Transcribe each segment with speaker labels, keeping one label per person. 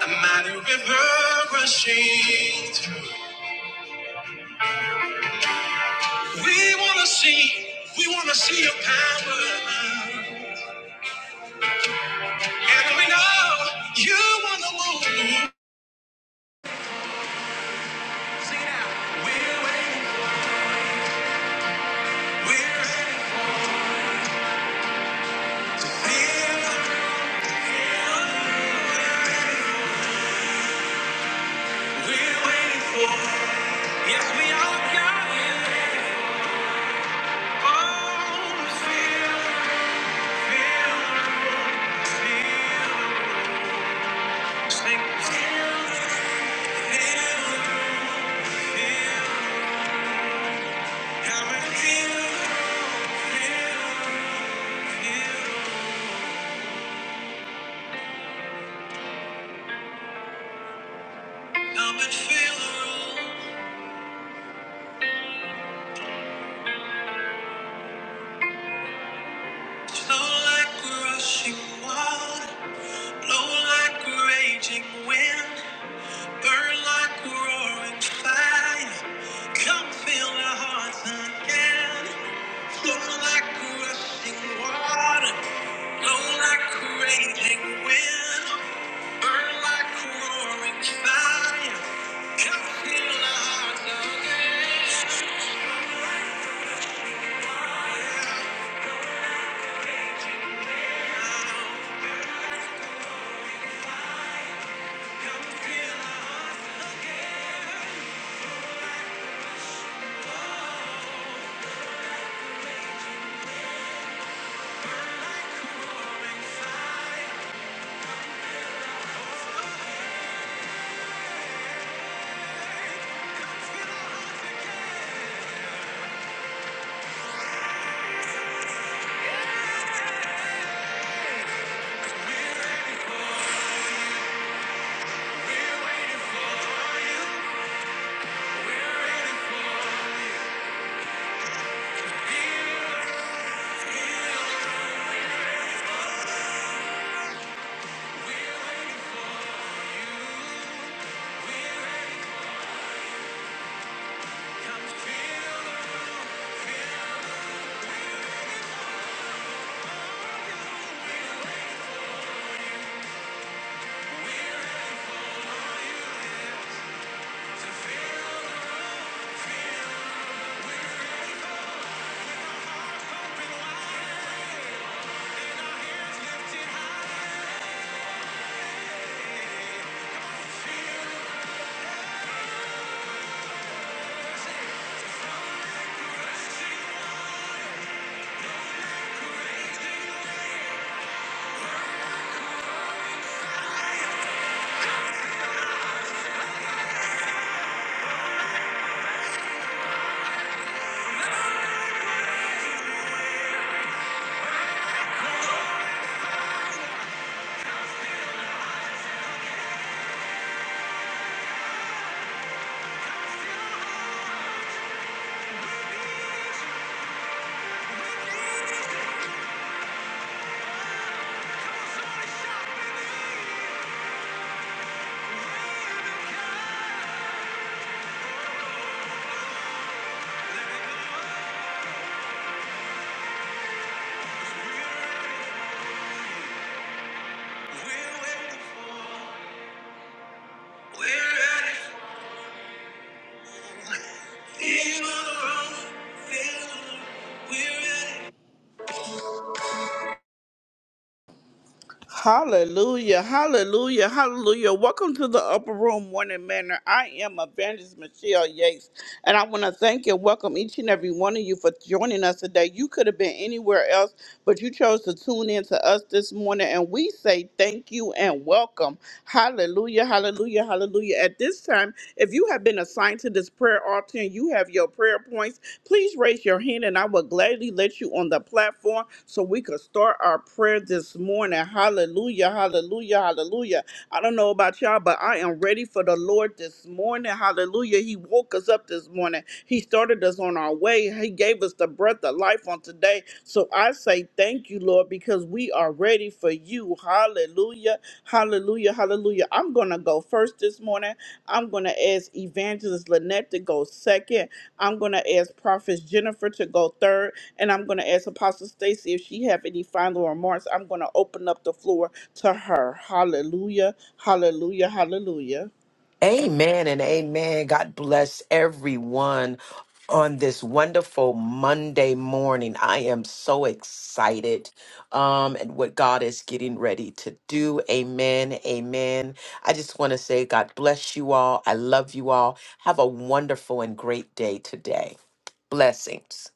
Speaker 1: A mighty river rushing through. We wanna see, we wanna see your power. And we know you wanna move. Sing it out. We're waiting, we're waiting, we're waiting for. Yes, we are God. Oh, feel, feel, feel. Sing, feel, feel. Come and feel, feel, feel. Come and feel the room. Flow like rushing water, blow like raging wind, burn like roaring fire. Come fill our hearts again. Flow like rushing water, blow like raging wind, burn like roaring fire. Come fill our hearts again. We're ready for, we're ready Hallelujah, hallelujah, hallelujah. Welcome to the Upper Room Morning Manor. I am Evangelist Michelle Yates, and I want to thank and welcome each and every one of you for joining us today. You could have been anywhere else, but you chose to tune in to us this morning, and we say thank you and welcome. Hallelujah, hallelujah, hallelujah. At this time, if you have been assigned to this prayer altar and you have your prayer points, Please raise your hand and I will gladly let you on the platform so we could start our prayer this morning. Hallelujah, hallelujah, hallelujah. I don't know about y'all, but I am ready for the Lord this morning. Hallelujah. He woke us up this morning. He started us on our way. He gave us the breath of life on today. So I say thank you, Lord, because we are ready for you. Hallelujah. Hallelujah. Hallelujah. I'm going to go first this morning. I'm going to ask Evangelist Lynette to go second. I'm going to ask Prophet Jennifer to go third. And I'm going to ask Apostle Stacy if she have any final remarks. I'm going to open up the floor to her. Hallelujah. Hallelujah. Hallelujah.
Speaker 2: Amen and amen. God bless everyone on this wonderful Monday morning. I am so excited um and what God is getting ready to do. Amen. Amen. I just want to say God bless you all. I love you all. Have a wonderful and great day today. Blessings.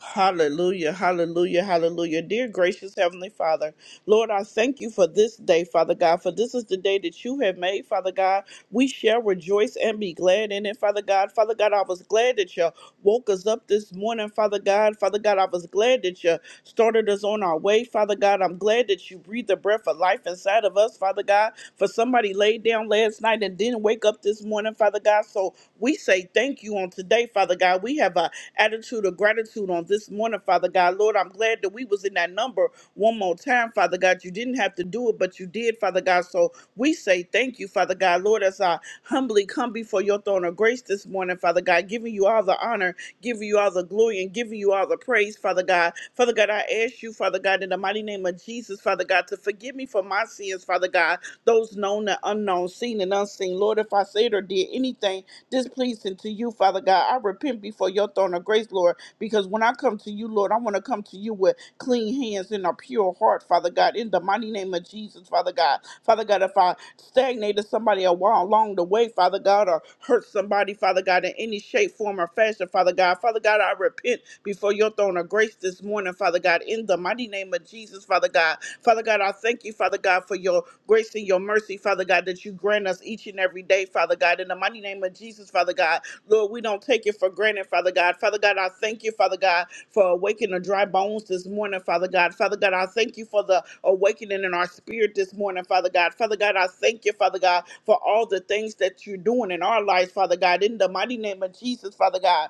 Speaker 1: Hallelujah, hallelujah, hallelujah. Dear gracious Heavenly Father, Lord, I thank you for this day, Father God, for this is the day that you have made, Father God. We shall rejoice and be glad in it, Father God. Father God, I was glad that you woke us up this morning, Father God. Father God, I was glad that you started us on our way, Father God. I'm glad that you breathed the breath of life inside of us, Father God. God. For somebody laid down last night and didn't wake up this morning, Father God. So we say thank you on today, Father God. We have an attitude of gratitude on this morning, Father God. Lord, I'm glad that we was in that number one more time, Father God. You didn't have to do it, but you did, Father God. So we say thank you, Father God. Lord, as I humbly come before your throne of grace this morning, Father God, giving you all the honor, giving you all the glory, and giving you all the praise, Father God. Father God, I ask you, Father God, in the mighty name of Jesus, Father God, to forgive me for my sins, Father God those known and unknown, seen and unseen. Lord, if I said or did anything displeasing to you, Father God, I repent before your throne of grace, Lord, because when I come to you, Lord, I want to come to you with clean hands and a pure heart, Father God, in the mighty name of Jesus, Father God. Father God, if I stagnated somebody a while along the way, Father God, or hurt somebody, body, Father God, in any shape, form, or fashion, Father God. Father God, I repent before your throne of grace this morning, Father God, in the mighty name of Jesus, Father God. Father God, I thank you, Father God, for your grace and your mercy, Father God, that you grant us each and every day, Father God, in the mighty name of Jesus, Father God. Lord, we don't take it for granted, Father God. Father God, I thank you, Father God, for awakening the dry bones this morning, Father God. Father God, I thank you for the awakening in our spirit this morning, Father God. Father God, I thank you, Father God, for all the things that you're doing in our lives, Father God. In the mighty name of Jesus, Father God.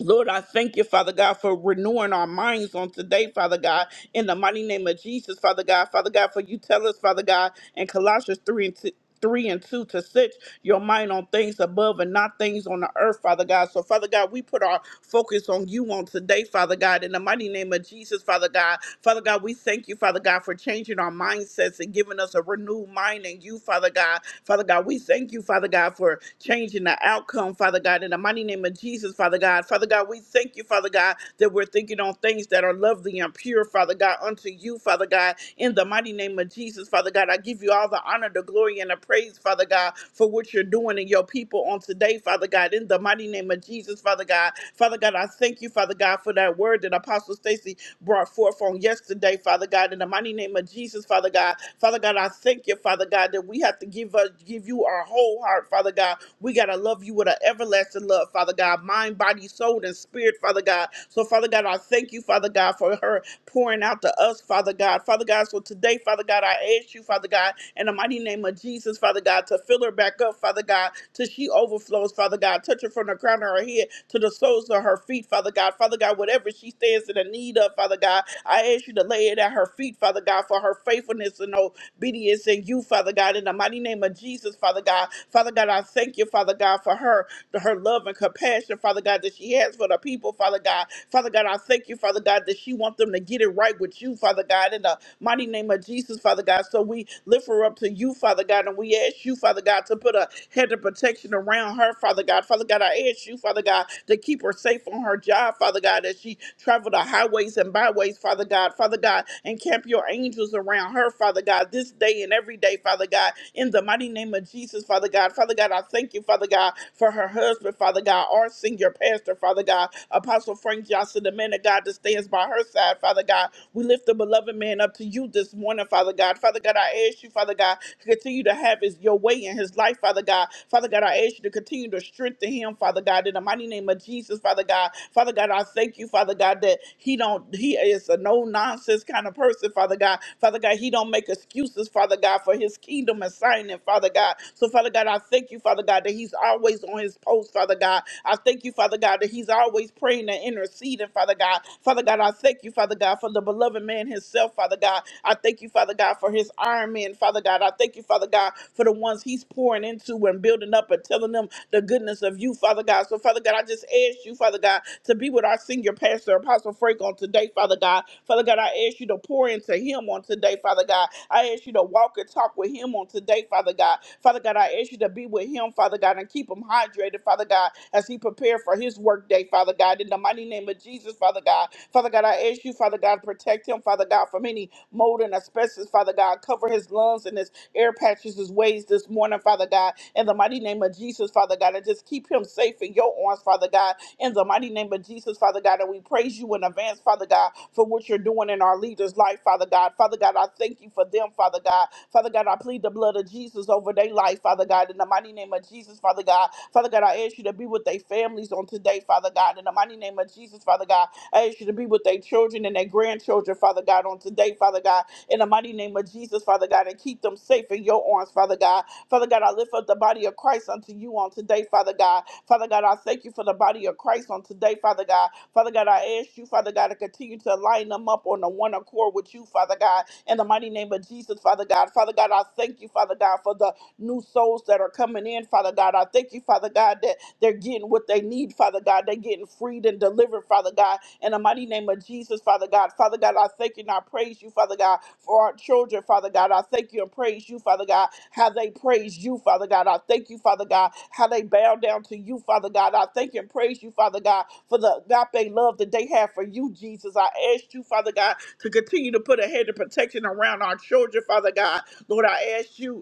Speaker 1: Lord, I thank you, Father God, for renewing our minds on today, Father God, in the mighty name of Jesus, Father God. Father God, for you tell us, Father God, in Colossians 3 and 2. 3 and 2 to set your mind on things above and not things on the earth, Father God. So, Father God, we put our focus on you on today, Father God, in the mighty name of Jesus, Father God. Father God, we thank you, Father God, for changing our mindsets and giving us a renewed mind in you, Father God. Father God, we thank you, Father God, for changing the outcome, Father God, in the mighty name of Jesus, places, Father God. Father God, we thank you, Father God, that we're thinking on things that are lovely and pure, Father God, unto you, Father God. In the mighty name of Jesus, Father God, I give you all the honor, the glory, and the praise, Father God, for what you're doing in your people on today, Father God. In the mighty name of Jesus, Father God. Father God, I thank you, Father God, for that word that Apostle Stacy brought forth on yesterday, Father God. In the mighty name of Jesus, Father God. Father God, I thank you, Father God, that we have to give us give you our whole heart, Father God. We gotta love you with an everlasting love, Father. Father God, mind, body, soul, and spirit, Father God. So, Father God, I thank you, Father God, for her pouring out to us, Father God. Father God, so today, Father God, I ask you, Father God, in the mighty name of Jesus, Father God, to fill her back up, Father God, till she overflows, Father God. Touch her from the crown of her head to the soles of her feet, Father God. Father God, whatever she stands in the need of, Father God, I ask you to lay it at her feet, Father God, for her faithfulness and obedience in you, Father God. In the mighty name of Jesus, Father God. Father God, I thank you, Father God, for her, her her love and compassion, Father God, that she has for the people, Father God. Father God, I thank you, Father God, that she wants them to get it right with you, Father God, in the mighty name of Jesus, Father God. So we lift her up to you, Father God, and we ask you, Father God, to put a head of protection around her, Father God. Father God, I ask you, Father God, to keep her safe on her job, Father God, as she travel the highways and byways, Father God. Father God, and camp your angels around her, Father God, this day and every day, Father God, in the mighty name of Jesus, Father God. Father God, I thank you, Father God, for her husband, Father God, our senior pastor, Father God, Apostle Frank Johnson, the man of God that stands by her side, Father God. We lift the beloved man up to you this morning, Father God. Father God, I ask you, Father God, to continue to have his your way in his life, Father God. Father God, I ask you to continue to strengthen him, Father God, in the mighty name of Jesus, Father God. Father God, I thank you, Father God, that he don't he is a no nonsense kind of person, Father God. Father God, he don't make excuses, Father God, for his kingdom assignment, Father God. So Father God, I thank you, Father God, that that he's always on his post, Father God. I thank you, Father God, that he's always praying and interceding, Father God. Father God, I thank you, Father God, for the beloved man himself, Father God. I thank you, Father God, for his iron men, Father God. I thank you, Father God, for the ones he's pouring into and building up and telling them the goodness of you, Father God. So, Father God, I just ask you, Father God, to be with our senior pastor, Apostle Frank, on today, Father God. Father God, I ask you to pour into him on today, Father God. I ask you to walk and talk with him on today, Father God. Father God, I ask you to be with with him, Father God, and keep him hydrated, Father God, as he prepared for his workday, Father God. In the mighty name of Jesus, Father God. Father God, I ask you, Father God, protect him, Father God, from any mold and asbestos, Father God. Cover his lungs and his air patches, his ways this morning, Father God. In the mighty name of Jesus, Father God, and just keep him safe in your arms, Father God. In the mighty name of Jesus, Father God, and we praise you in advance, Father God, for what you're doing in our leaders' life, Father God. Father God, I thank you for them, Father God. Father God, I plead the blood of Jesus over their life, Father. Father God, in the mighty name of Jesus, Father God. Father God, I ask you to be with their families on today, Father God, in the mighty name of Jesus, Father God. I ask you to be with their children and their grandchildren, Father God, on today, Father God, in the mighty name of Jesus, Father God, and keep them safe in your arms, Father God. Father God, I lift up the body of Christ unto you on today, Father God. Father God, I thank you for the body of Christ on today, Father God. Father God, I ask you, Father God, to continue to line them up on the one accord with you, Father God, in the mighty name of Jesus, Father God. Father God, I thank you, Father God, for the new souls that are coming in, Father God. I thank you, Father God, that they're getting what they need, Father God. They're getting freed and delivered, Father God. In the mighty name of Jesus, Father God. Father God, I thank you and I praise you, Father God, for our children, Father God. I thank you and praise you, Father God, how they praise you, Father God. I thank you, Father God, how they bow down to you, Father God. I thank you and praise you, Father God, for the agape love that they have for you, Jesus. I ask you, Father God, to continue to put a head of protection around our children, Father God. Lord, I ask you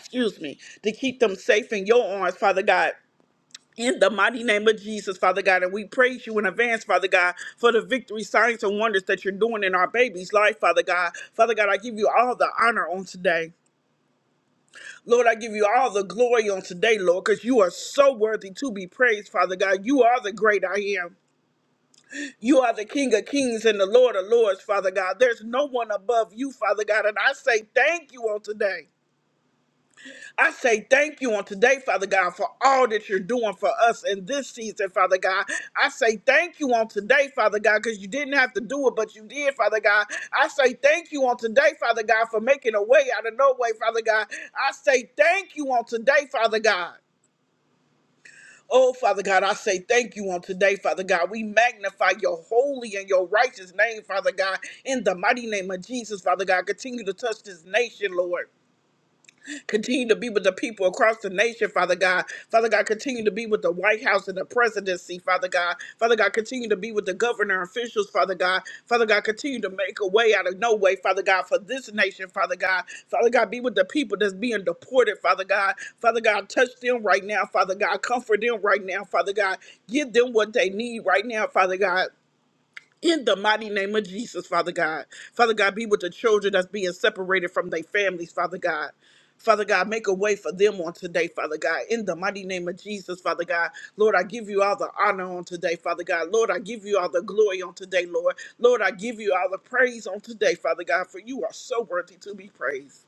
Speaker 1: excuse me, to keep them safe in your arms, Father God. In the mighty name of Jesus, Father God, and we praise you in advance, Father God, for the victory, signs, and wonders that you're doing in our baby's life, Father God. Father God, I give you all the honor on today. Lord, I give you all the glory on today, Lord, because you are so worthy to be praised, Father God. You are the great I am. You are the King of kings and the Lord of lords, Father God. There's no one above you, Father God, and I say thank you on today. I say thank you on today, Father God, for all that you're doing for us in this season, Father God. I say thank you on today, Father God, because you didn't have to do it, but you did, Father God. I say thank you on today, Father God, for making a way out of no way, Father God. I say thank you on today, Father God. Oh, Father God, I say thank you on today, Father God. We magnify your holy and your righteous name, Father God, in the mighty name of Jesus, Father God. Continue to touch this nation, Lord. Continue to be with the people across the nation, Father God. Father God, continue to be with the White House and the presidency, Father God. Father God, continue to be with the governor officials, Father God. Father God, continue to make a way out of no way, Father God, for this nation, Father God. Father God, be with the people that's being deported, Father God. Father God, touch them right now, Father God. Comfort them right now, Father God. Give them what they need right now, Father God in the mighty name of Jesus, Father God. Father God, be with the children that's being separated from their families, Father God. Father God, make a way for them on today, Father God. In the mighty name of Jesus, Father God. Lord, I give you all the honor on today, Father God. Lord, I give you all the glory on today, Lord. Lord, I give you all the praise on today, Father God, for you are so worthy to be praised.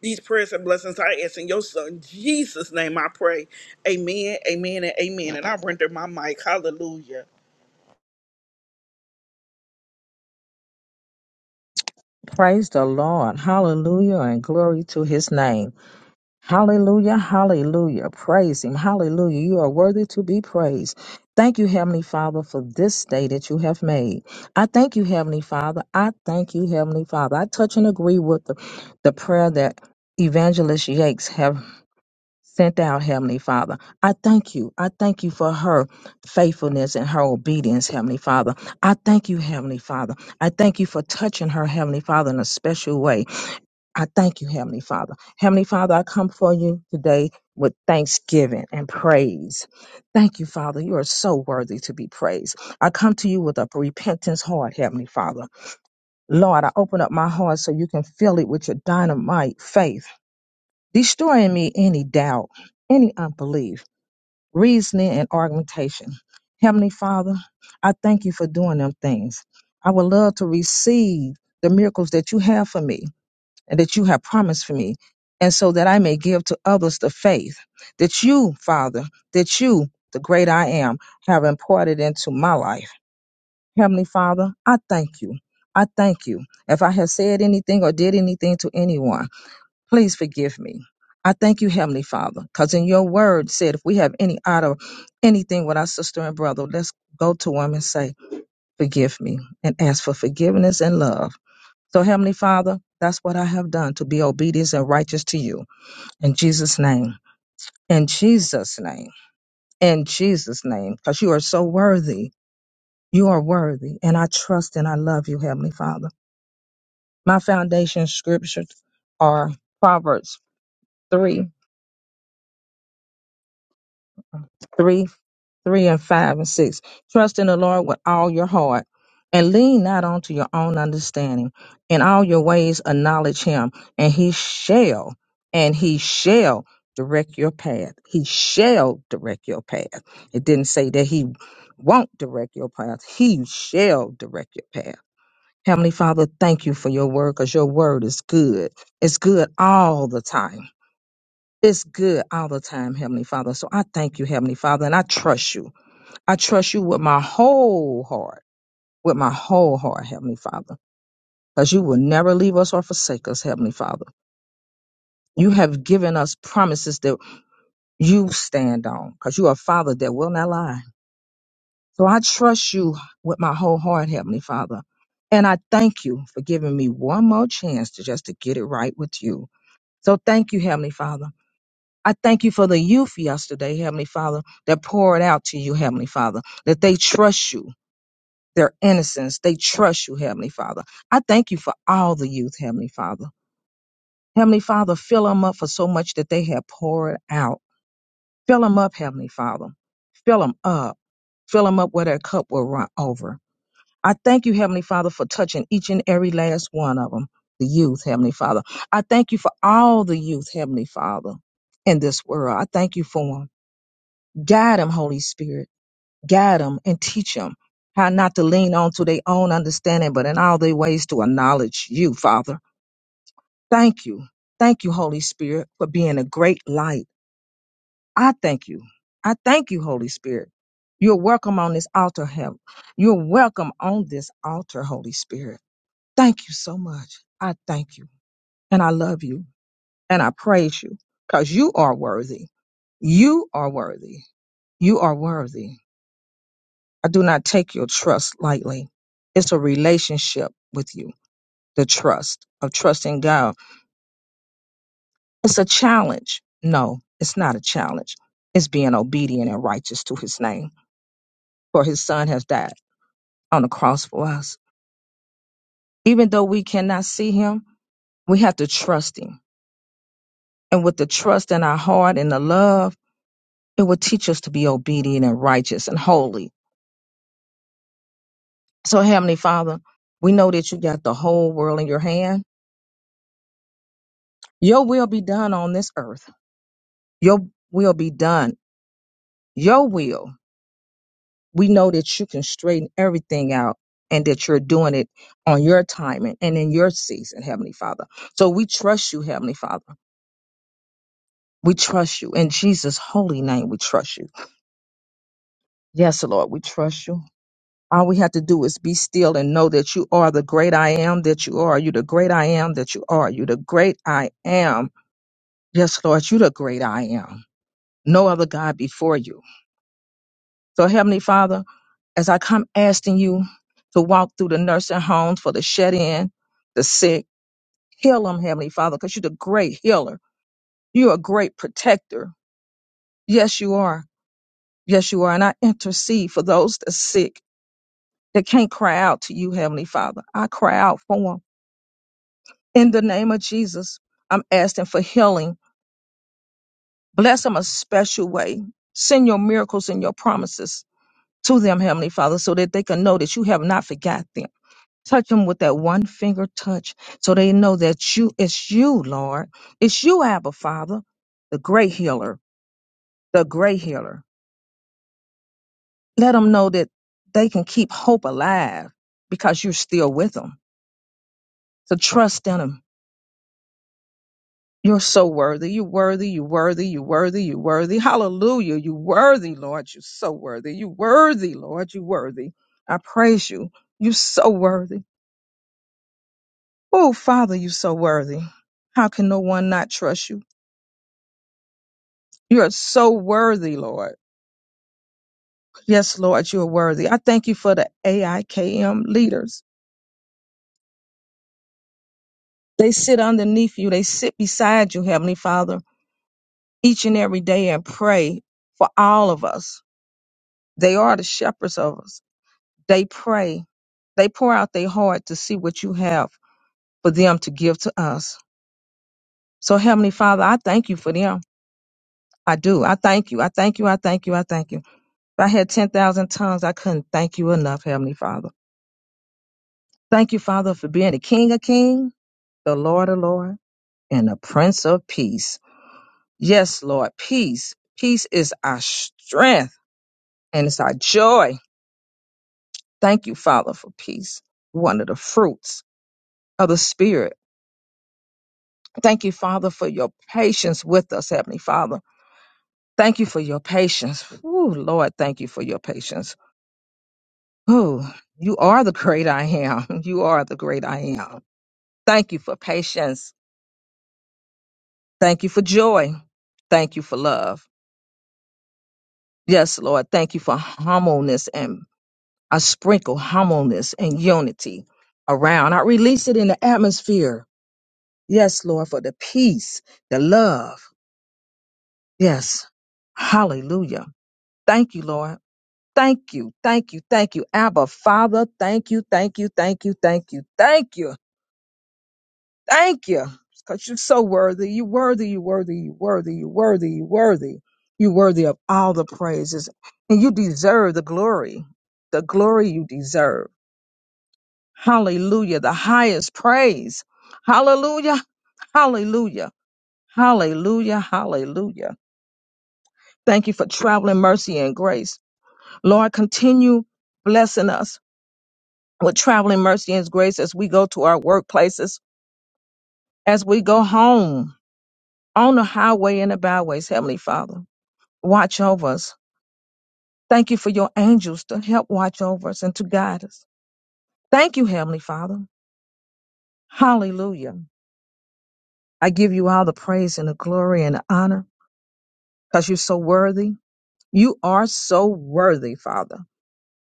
Speaker 1: These prayers and blessings I ask in your son, Jesus' name I pray. Amen, amen, and amen. And I render my mic. Hallelujah.
Speaker 3: Praise the Lord. Hallelujah and glory to his name. Hallelujah. Hallelujah. Praise him. Hallelujah. You are worthy to be praised. Thank you, Heavenly Father, for this day that you have made. I thank you, Heavenly Father. I thank you, Heavenly Father. I touch and agree with the, the prayer that Evangelist Yakes have sent out, Heavenly Father. I thank you. I thank you for her faithfulness and her obedience, Heavenly Father. I thank you, Heavenly Father. I thank you for touching her, Heavenly Father, in a special way. I thank you, Heavenly Father. Heavenly Father, I come for you today with thanksgiving and praise. Thank you, Father. You are so worthy to be praised. I come to you with a repentance heart, Heavenly Father. Lord, I open up my heart so you can fill it with your dynamite faith, destroying me any doubt, any unbelief reasoning and argumentation. Heavenly Father, I thank you for doing them things. I would love to receive the miracles that you have for me and that you have promised for me, and so that I may give to others the faith that you, Father, that you, the great I am, have imparted into my life. Heavenly Father, I thank you. I thank you. If I have said anything or did anything to anyone, Please forgive me. I thank you, Heavenly Father, because in your word said, if we have any out of anything with our sister and brother, let's go to him and say, forgive me and ask for forgiveness and love. So, Heavenly Father, that's what I have done to be obedient and righteous to you. In Jesus' name. In Jesus' name. In Jesus' name. Because you are so worthy. You are worthy. And I trust and I love you, Heavenly Father. My foundation scriptures are Proverbs 3, 3 3 and 5 and 6. Trust in the Lord with all your heart and lean not onto your own understanding. In all your ways, acknowledge him, and he shall, and he shall direct your path. He shall direct your path. It didn't say that he won't direct your path, he shall direct your path. Heavenly Father, thank you for your word because your word is good. It's good all the time. It's good all the time, Heavenly Father. So I thank you, Heavenly Father, and I trust you. I trust you with my whole heart, with my whole heart, Heavenly Father, because you will never leave us or forsake us, Heavenly Father. You have given us promises that you stand on, because you are a Father that will not lie. So I trust you with my whole heart, Heavenly Father. And I thank you for giving me one more chance to just to get it right with you. So thank you, Heavenly Father. I thank you for the youth yesterday, Heavenly Father, that poured out to you, Heavenly Father, that they trust you their innocence. They trust you, Heavenly Father. I thank you for all the youth, Heavenly Father. Heavenly Father, fill them up for so much that they have poured out. Fill them up, Heavenly Father. Fill them up. Fill them up where their cup will run over. I thank you, Heavenly Father, for touching each and every last one of them, the youth, Heavenly Father. I thank you for all the youth, Heavenly Father, in this world. I thank you for them. Guide them, Holy Spirit. guide them and teach them how not to lean on to their own understanding, but in all their ways to acknowledge you, Father. Thank you. Thank you, Holy Spirit, for being a great light. I thank you. I thank you, Holy Spirit. You're welcome on this altar, help. You're welcome on this altar, Holy Spirit. Thank you so much. I thank you. And I love you. And I praise you because you are worthy. You are worthy. You are worthy. I do not take your trust lightly. It's a relationship with you, the trust of trusting God. It's a challenge. No, it's not a challenge. It's being obedient and righteous to his name. For his son has died on the cross for us. Even though we cannot see him, we have to trust him. And with the trust in our heart and the love, it will teach us to be obedient and righteous and holy. So, Heavenly Father, we know that you got the whole world in your hand. Your will be done on this earth Your will be done. Your will. We know that you can straighten everything out and that you're doing it on your timing and in your season, Heavenly Father. So we trust you, Heavenly Father. We trust you. In Jesus' holy name, we trust you. Yes, Lord, we trust you. All we have to do is be still and know that you are the great I am that you are. You the great I am that you are. You the great I am. Yes, Lord, you the great I am. No other God before you. So, Heavenly Father, as I come asking you to walk through the nursing homes for the shut in, the sick, heal them, Heavenly Father, because you're the great healer. You're a great protector. Yes, you are. Yes, you are. And I intercede for those that's sick that can't cry out to you, Heavenly Father. I cry out for them. In the name of Jesus, I'm asking for healing. Bless them a special way. Send your miracles and your promises to them, Heavenly Father, so that they can know that you have not forgot them Touch them with that one finger touch so they know that you, it's you, Lord. It's you, Abba Father, the great healer, the great healer. Let them know that they can keep hope alive because you're still with them. So trust in them. You're so worthy. You're worthy. You're worthy. You're worthy. You're worthy. Hallelujah. You're worthy, Lord. You're so worthy. You're worthy, Lord. You're worthy. I praise you. You're so worthy. Oh, Father, you're so worthy. How can no one not trust you? You are so worthy, Lord. Yes, Lord, you are worthy. I thank you for the AIKM leaders. They sit underneath you, they sit beside you, Heavenly Father, each and every day and pray for all of us. They are the shepherds of us. They pray. They pour out their heart to see what you have for them to give to us. So, Heavenly Father, I thank you for them. I do. I thank you. I thank you. I thank you. I thank you. If I had 10,000 tongues, I couldn't thank you enough, Heavenly Father. Thank you, Father, for being the King of Kings. the Lord of Lord and the Prince of Peace. Yes, Lord, peace. Peace is our strength and it's our joy. Thank you, Father, for peace, one of the fruits of the Spirit. Thank you, Father, for your patience with us, Heavenly Father. Thank you for your patience. Ooh, Lord, thank you for your patience. Ooh, you are the great I am. You are the great I am. Thank you for patience. Thank you for joy. Thank you for love. Yes, Lord, thank you for humbleness and I sprinkle humbleness and unity around. I release it in the atmosphere. Yes, Lord, for the peace, the love. Yes. Hallelujah. Thank you, Lord. Thank you. Thank you. Thank you. Abba, Father, thank you. Thank you. Thank you. Thank you. Thank you. Thank you. Because you're so worthy. You're worthy. You're worthy. You're worthy. You're worthy. You're worthy. You're worthy of all the praises. And you deserve the glory. The glory you deserve. Hallelujah. The highest praise. Hallelujah. Hallelujah. Hallelujah. Hallelujah. Thank you for traveling mercy and grace. Lord, continue blessing us with traveling mercy and grace as we go to our workplaces, as we go home on the highway and the byways. Heavenly Father, watch over us. Thank you for your angels to help watch over us and to guide us. Thank you, Heavenly Father. Hallelujah. I give you all the praise and the glory and the honor. because you're so worthy. You are so worthy, Father.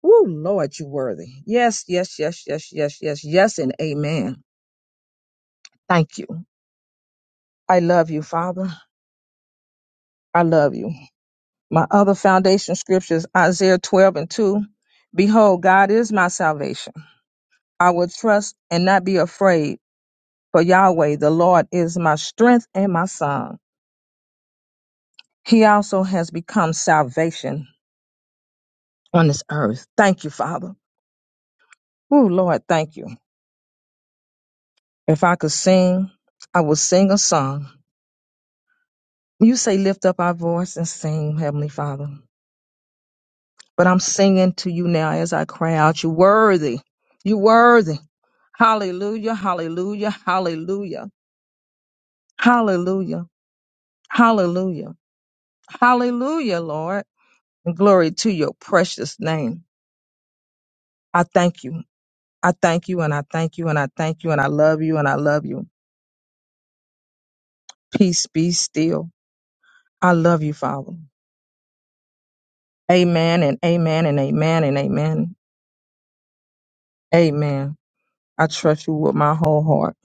Speaker 3: Woo, Lord, you are worthy. Yes, yes, yes, yes, yes, yes, yes, and amen. Thank you. I love you, Father. I love you. My other foundation scripture is Isaiah 12 and 2. Behold, God is my salvation. I will trust and not be afraid, for Yahweh, the Lord, is my strength and my song. He also has become salvation on this earth. Thank you, Father. Ooh, Lord, thank you. If I could sing, I would sing a song. You say, lift up our voice and sing, Heavenly Father. But I'm singing to you now as I cry out, you worthy, you worthy. Hallelujah, hallelujah, hallelujah, hallelujah, hallelujah, hallelujah, Lord. And glory to your precious name. I thank you. I thank you and I thank you and I thank you and I love you and I love you. Peace be still. I love you, Father. Amen and amen and amen and amen. Amen. I trust you with my whole heart.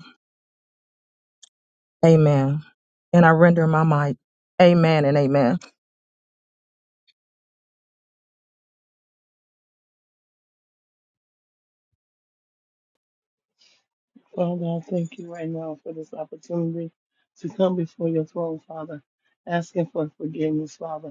Speaker 3: Amen. And I render my mic. Amen and amen.
Speaker 4: Father God, thank you right now for this opportunity to come before your throne, Father, asking for forgiveness, Father.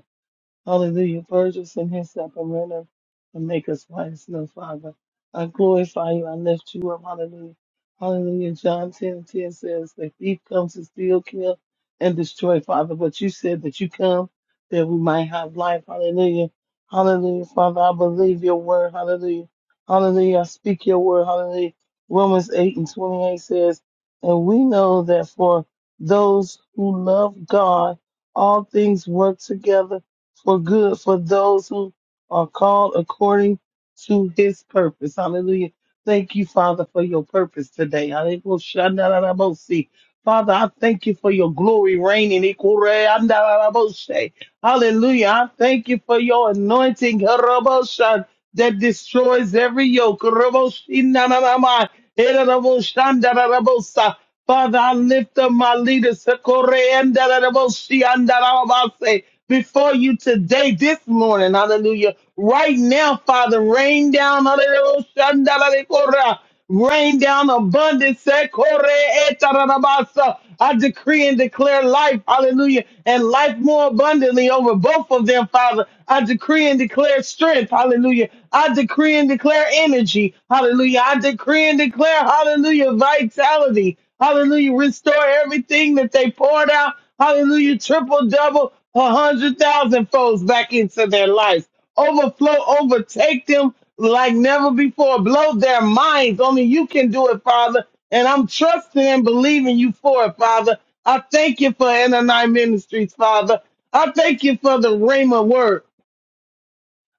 Speaker 4: Hallelujah. Purge us in hyssop and render and make us white as snow, Father. I glorify you. I lift you up. Hallelujah. Hallelujah. John 10 and 10 says, The thief comes to steal, kill, and destroy, Father. But you said that you come that we might have life. Hallelujah. Hallelujah. Father, I believe your word. Hallelujah. Hallelujah. I speak your word. Hallelujah. Romans 8 and 28 says, And we know that for those who love God, all things work together for good for those who are called according to his purpose. Hallelujah. Thank you, Father, for your purpose today. Hallelujah. Shandarabose. Father, I thank you for your glory reigning. Ikure andarabose. Hallelujah. I thank you for your anointing harabosha, that destroys every yoke. Haraboshinanamai. Heraboshandarabosa. Father, I lift up my leaders. Ikure andarabose, andarabase before you today, this morning. Hallelujah. Right now, Father, rain down, hallelujah, shandalarikora. rain down abundance. sekore etarabasa. I decree and declare life, hallelujah, and life more abundantly over both of them, Father. I decree and declare strength, hallelujah. I decree and declare energy, hallelujah. I decree and declare, hallelujah, vitality, hallelujah. Restore everything that they poured out, hallelujah, triple, double, a hundred thousand folds back into their life overflow, overtake them like never before. Blow their minds. Only you can do it, Father. And I'm trusting and believing you for it, Father. I thank you for NNI Ministries, Father. I thank you for the Rhema word.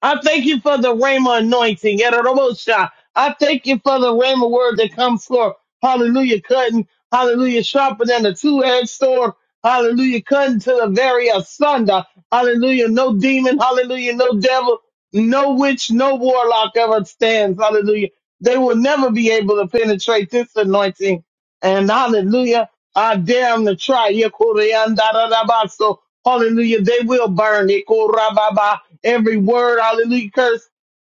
Speaker 4: I thank you for the Rhema anointing. Yadarabosha. I thank you for the Rhema word that comes forth. Hallelujah, cutting. Hallelujah, sharper than a two-edged sword. Hallelujah, cutting to the very asunder. Hallelujah, no demon. Hallelujah, no devil. No witch, no warlock ever stands. Hallelujah. They will never be able to penetrate this anointing. And hallelujah. I dare them to try. Yekuriandarabaso. Hallelujah. They will burn Yekurababa. every word, hallelujah, curse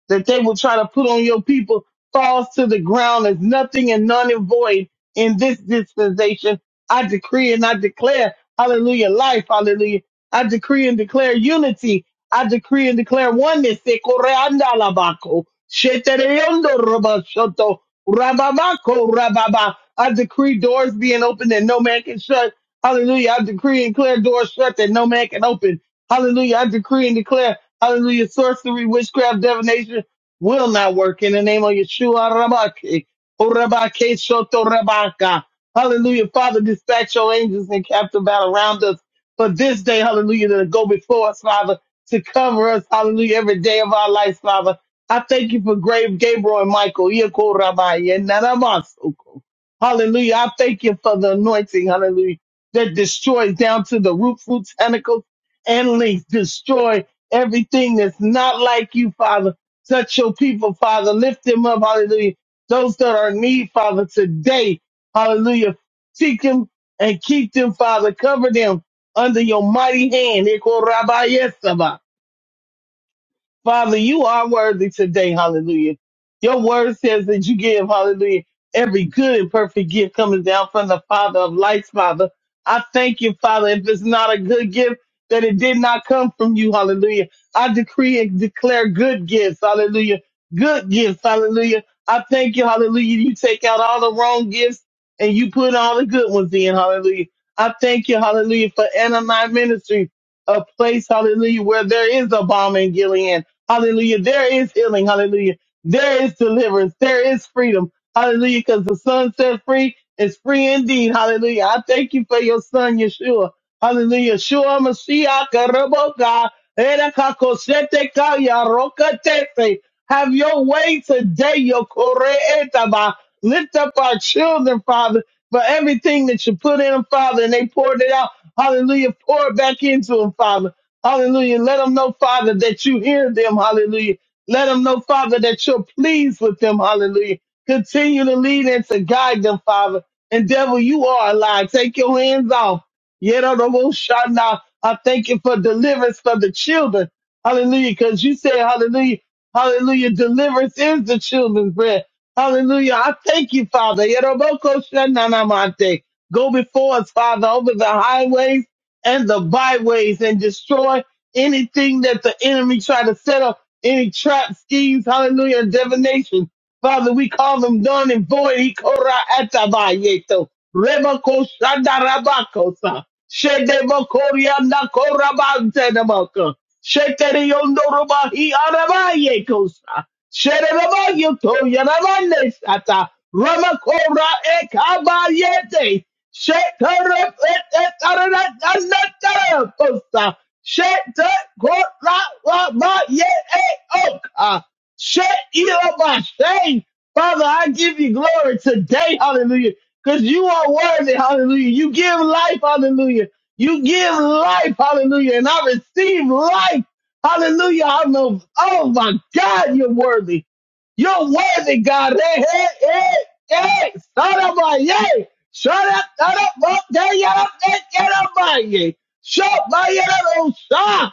Speaker 4: that they will try to put on your people falls to the ground as nothing and none and void in this dispensation. I decree and I declare, hallelujah, life, hallelujah. I decree and declare unity. I decree and declare oneness. Yekuriandalabako. Shetereyondorobashoto. Rababako, Rababa. I decree doors being opened that no man can shut. Hallelujah. I decree and declare doors shut that no man can open. Hallelujah. I decree and declare, hallelujah, sorcery, witchcraft, divination will not work in the name of Yeshua Rabaki. Orabake Shoto Rabaka. Hallelujah. Father, dispatch your angels and captive battle around us for this day. Hallelujah. To go before us, Father, to cover us. Hallelujah. Every day of our life, Father. I thank you for grave Gabriel and Michael. Yeko Rabbi. Yenanamasuko. Hallelujah. I thank you for the anointing. Hallelujah. That destroys down to the root, fruits, tentacles, and links. Destroy everything that's not like you, Father. Touch your people, Father. Lift them up. Hallelujah. Those that are in need, Father, today. Hallelujah. Seek them and keep them, Father. Cover them under your mighty hand. Father, you are worthy today. Hallelujah. Your word says that you give, hallelujah, every good and perfect gift coming down from the Father of lights, Father. I thank you, Father, if it's not a good gift, that it did not come from you. Hallelujah. I decree and declare good gifts. Hallelujah. Good gifts. Hallelujah. I thank you. Hallelujah. You take out all the wrong gifts and you put all the good ones in. Hallelujah. I thank you. Hallelujah. For Anna Ministry, a place, hallelujah, where there is a bomb in Gilead. Hallelujah. There is healing. Hallelujah. There is deliverance. There is freedom. Hallelujah. Because the son set free is free indeed. Hallelujah. I thank you for your son, Yeshua. Hallelujah. Yeshua Mashiach Raboka. Erakakosete Kaya Rokatete. Have your way today, your Koreetaba. Lift up our children, Father, for everything that you put in them, Father, and they poured it out. Hallelujah. Pour it back into them, Father. Hallelujah. Let them know, Father, that you hear them. Hallelujah. Let them know, Father, that you're pleased with them. Hallelujah. Continue to lead and to guide them, Father. And devil, you are alive. Take your hands off. Yerodomoshana. I thank you for deliverance for the children. Hallelujah. Because you said, Hallelujah. Hallelujah. Deliverance is the children's bread. Hallelujah. I thank you, Father. Yerobokoshananamate. Go before us, Father, over the highways and the byways and destroy anything that the enemy try to set up, any trap schemes, hallelujah, and divination Father, we call them done and void. Ikora atabayeto. Rebako shandarabakosa. Shedebakoria nakorabantenabaka. Sheteriondorobahi arabayekosa. Sherebayoto yanabane sata. Ramakora ekabayete. Shetarap etaratataraposa. Shetakora wabaye oka. Shut you up by shame. Father, I give you glory today, hallelujah, because you are worthy, hallelujah. You give life, hallelujah. You give life, hallelujah, and I receive life, hallelujah. I know, oh my God, you're worthy. You're worthy, God. Hey, hey, hey, hey, Shut up, my, yay. Shut up, shut up, up there, get up, there, get up, my, yay. Shut up, my, yay, oh, stop.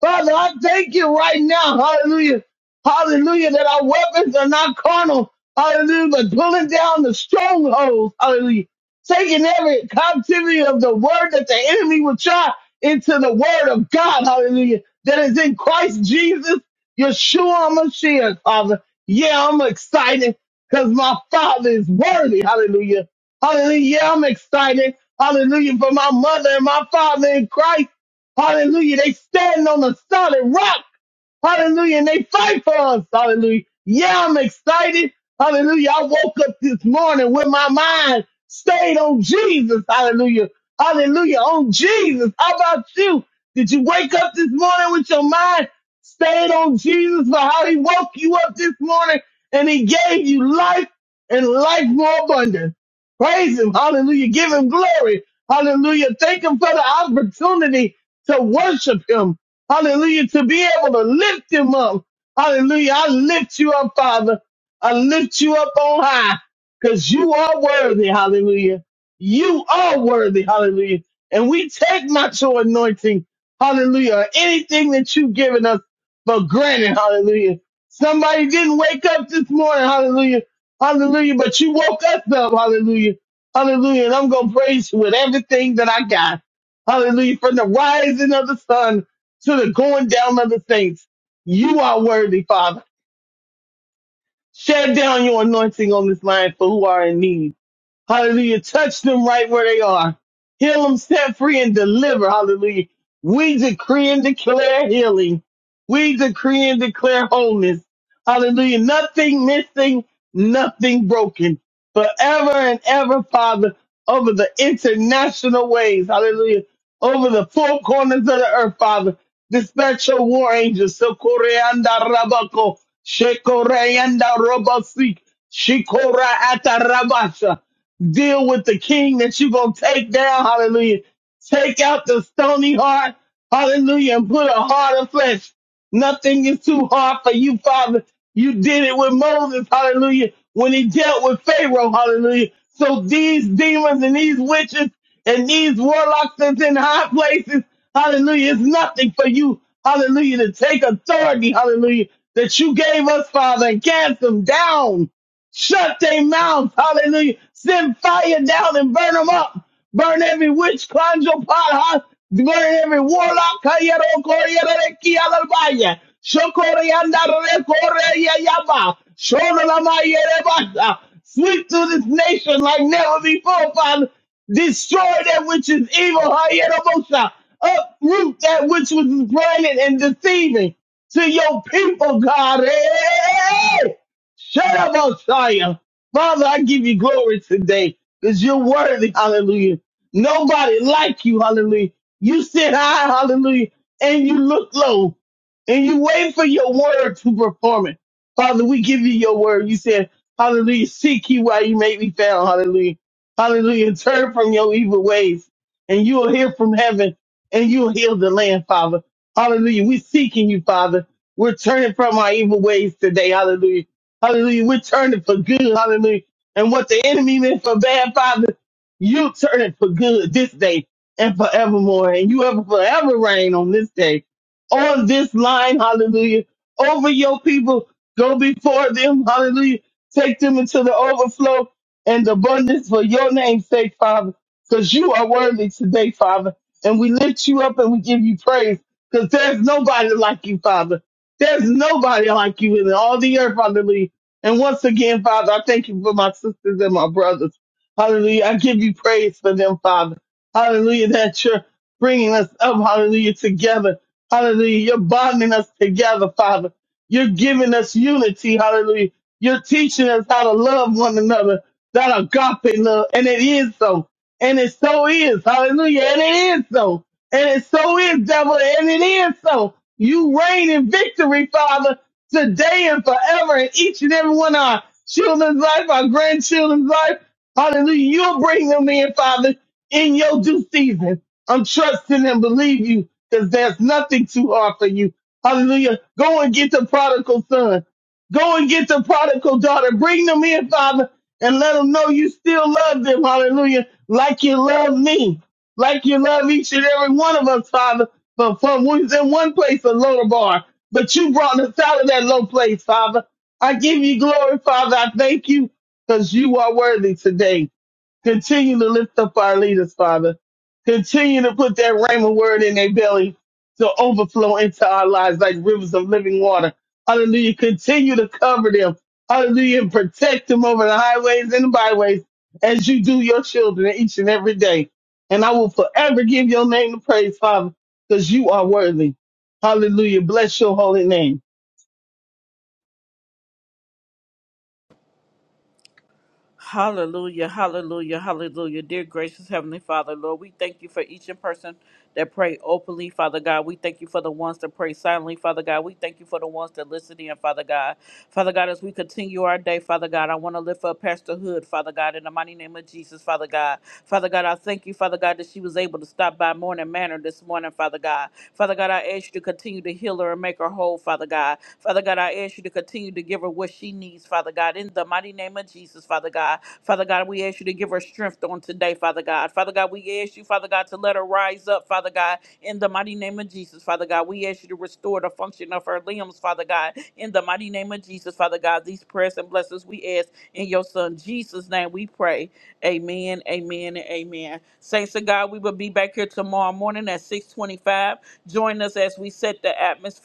Speaker 4: Father, I thank you right now, hallelujah. Hallelujah. That our weapons are not carnal. Hallelujah. But pulling down the strongholds. Hallelujah. Taking every captivity of the word that the enemy will try into the word of God. Hallelujah. That is in Christ Jesus, Yeshua Mashiach, Father. Yeah, I'm excited because my Father is worthy. Hallelujah. Hallelujah. Yeah, I'm excited. Hallelujah. For my mother and my father in Christ. Hallelujah. They stand on a solid rock. Hallelujah. And they fight for us. Hallelujah. Yeah, I'm excited. Hallelujah. I woke up this morning with my mind stayed on Jesus. Hallelujah. Hallelujah. On Jesus. How about you? Did you wake up this morning with your mind stayed on Jesus for how he woke you up this morning and he gave you life and life more abundant? Praise him. Hallelujah. Give him glory. Hallelujah. Thank him for the opportunity to worship him. Hallelujah. To be able to lift him up. Hallelujah. I lift you up, Father. I lift you up on high because you are worthy. Hallelujah. You are worthy. Hallelujah. And we take not your anointing. Hallelujah. or Anything that you've given us for granted. Hallelujah. Somebody didn't wake up this morning. Hallelujah. Hallelujah. But you woke us up. Hallelujah. Hallelujah. And I'm going to praise you with everything that I got. Hallelujah. From the rising of the sun to the going down of the saints. You are worthy, Father. Shut down your anointing on this line for who are in need. Hallelujah. Touch them right where they are. Heal them, set free, and deliver. Hallelujah. We decree and declare healing. We decree and declare wholeness. Hallelujah. Nothing missing, nothing broken. Forever and ever, Father, over the international ways. Hallelujah. Over the four corners of the earth, Father. Dispatch your war angels. Sokoreanda rabako. Shekoreanda robosik. Shikora atarabasa deal with the king that you're going to take down. Hallelujah. Take out the stony heart. Hallelujah. And put a heart of flesh. Nothing is too hard for you, Father. You did it with Moses. Hallelujah. When he dealt with Pharaoh. Hallelujah. So these demons and these witches and these warlocks that's in high places. Hallelujah. It's nothing for you. Hallelujah. To take authority. Hallelujah. That you gave us, Father, and cast them down. Shut their mouths. Hallelujah. Send fire down and burn them up. Burn every witch, conjure, pot, huh? burn every warlock. Hayero, koreyere, reki, alalbaya. Shokoreyanda, rekoreyayaba. Shorolamayereba. Sweep through this nation like never before, Father. Destroy that which is evil. Hayero, bosa. Uproot that which was planted and deceiving to your people, God. Hey! hey, hey, hey, hey. Shut up, Messiah. Father, I give you glory today because you're worthy. Hallelujah. Nobody like you. Hallelujah. You sit high. Hallelujah. And you look low and you wait for your word to perform it. Father, we give you your word. You said, Hallelujah. Seek you while you may be found. Hallelujah. Hallelujah. Turn from your evil ways and you will hear from heaven and you will heal the land, Father. Hallelujah. We're seeking you, Father. We're turning from our evil ways today. Hallelujah. Hallelujah. We turn it for good. Hallelujah. And what the enemy meant for bad, Father, you turn it for good this day and forevermore. And you ever forever reign on this day, on this line. Hallelujah. Over your people. Go before them. Hallelujah. Take them into the overflow and abundance for your name's sake, Father, because you are worthy today, Father. And we lift you up and we give you praise because there's nobody like you, Father. There's nobody like you in all the earth, Father. And once again, Father, I thank you for my sisters and my brothers. Hallelujah. I give you praise for them, Father. Hallelujah, that you're bringing us up, hallelujah, together. Hallelujah. You're bonding us together, Father. You're giving us unity, hallelujah. You're teaching us how to love one another, that agape love. And it is so. And it so is. Hallelujah. And it is so. And it so is, devil. And it is so. You reign in victory, Father today and forever in each and every one of our children's life, our grandchildren's life. Hallelujah. You'll bring them in, Father, in your due season. I'm trusting and believe you because there's nothing too hard for you. Hallelujah. Go and get the prodigal son. Go and get the prodigal daughter. Bring them in, Father, and let them know you still love them. Hallelujah. Like you love me like you love each and every one of us, Father. But for we was in one place, a lower bar, but you brought us out of that low place, Father. I give you glory, Father. I thank you because you are worthy today. Continue to lift up our leaders, Father. Continue to put that rhema word in their belly to overflow into our lives like rivers of living water. Hallelujah. Continue to cover them. Hallelujah. And protect them over the highways and the byways as you do your children each and every day. And I will forever give your name the praise, Father, because you are worthy. Hallelujah. Bless your holy name.
Speaker 1: Hallelujah, hallelujah, hallelujah. Dear gracious Heavenly Father, Lord, we thank you for each in person that pray openly, Father God. We thank you for the ones that pray silently, Father God. We thank you for the ones that listen in, Father God. Father God, as we continue our day, Father God, I want to lift up Pastor Hood, Father God, in the mighty name of Jesus, Father God. Father God, I thank you, Father God, that she was able to stop by Morning Manor this morning, Father God. Father God, I ask you to continue to heal her and make her whole, Father God. Father God, I ask you to continue to give her what she needs, Father God, in the mighty name of Jesus, Father God. Father God, we ask you to give her strength on today, Father God. Father God, we ask you, Father God, to let her rise up, Father God, in the mighty name of Jesus, Father God. We ask you to restore the function of her limbs, Father God, in the mighty name of Jesus, Father God. These prayers and blessings we ask in your Son Jesus' name we pray. Amen, amen, and amen. Saints of God, we will be back here tomorrow morning at 625. Join us as we set the atmosphere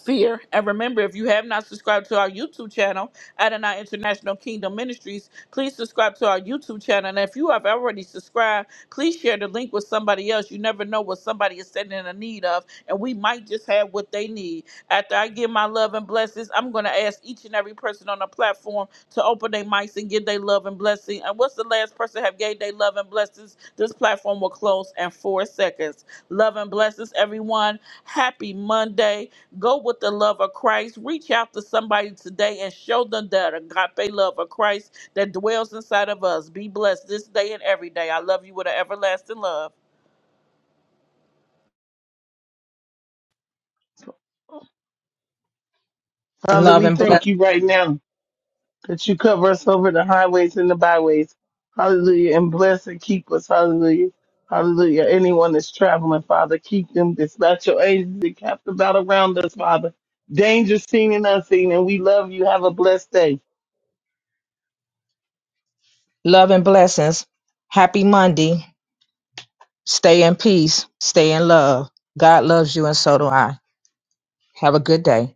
Speaker 1: fear. And remember, if you have not subscribed to our YouTube channel, Adonai International Kingdom Ministries, please subscribe to our YouTube channel. And if you have already subscribed, please share the link with somebody else. You never know what somebody is standing in need of, and we might just have what they need. After I give my love and blessings, I'm going to ask each and every person on the platform to open their mics and give their love and blessing. And what's the last person have gave their love and blessings? This platform will close in four seconds. Love and blessings, everyone. Happy Monday. Go with the love of Christ. Reach out to somebody today and show them that agape love of Christ that dwells inside of us. Be blessed this day and every day. I love you with an everlasting love.
Speaker 4: Father,
Speaker 3: Love
Speaker 4: we
Speaker 3: and bless.
Speaker 4: thank you right now. that you cover us over the highways and the byways. Hallelujah. And bless and keep us. Hallelujah. Hallelujah. Anyone that's traveling, Father, keep them. Dispatch your angels and cap about around us, Father. Danger seen and unseen. And we love you. Have a blessed day.
Speaker 3: Love and blessings. Happy Monday. Stay in peace. Stay in love. God loves you and so do I. Have a good day.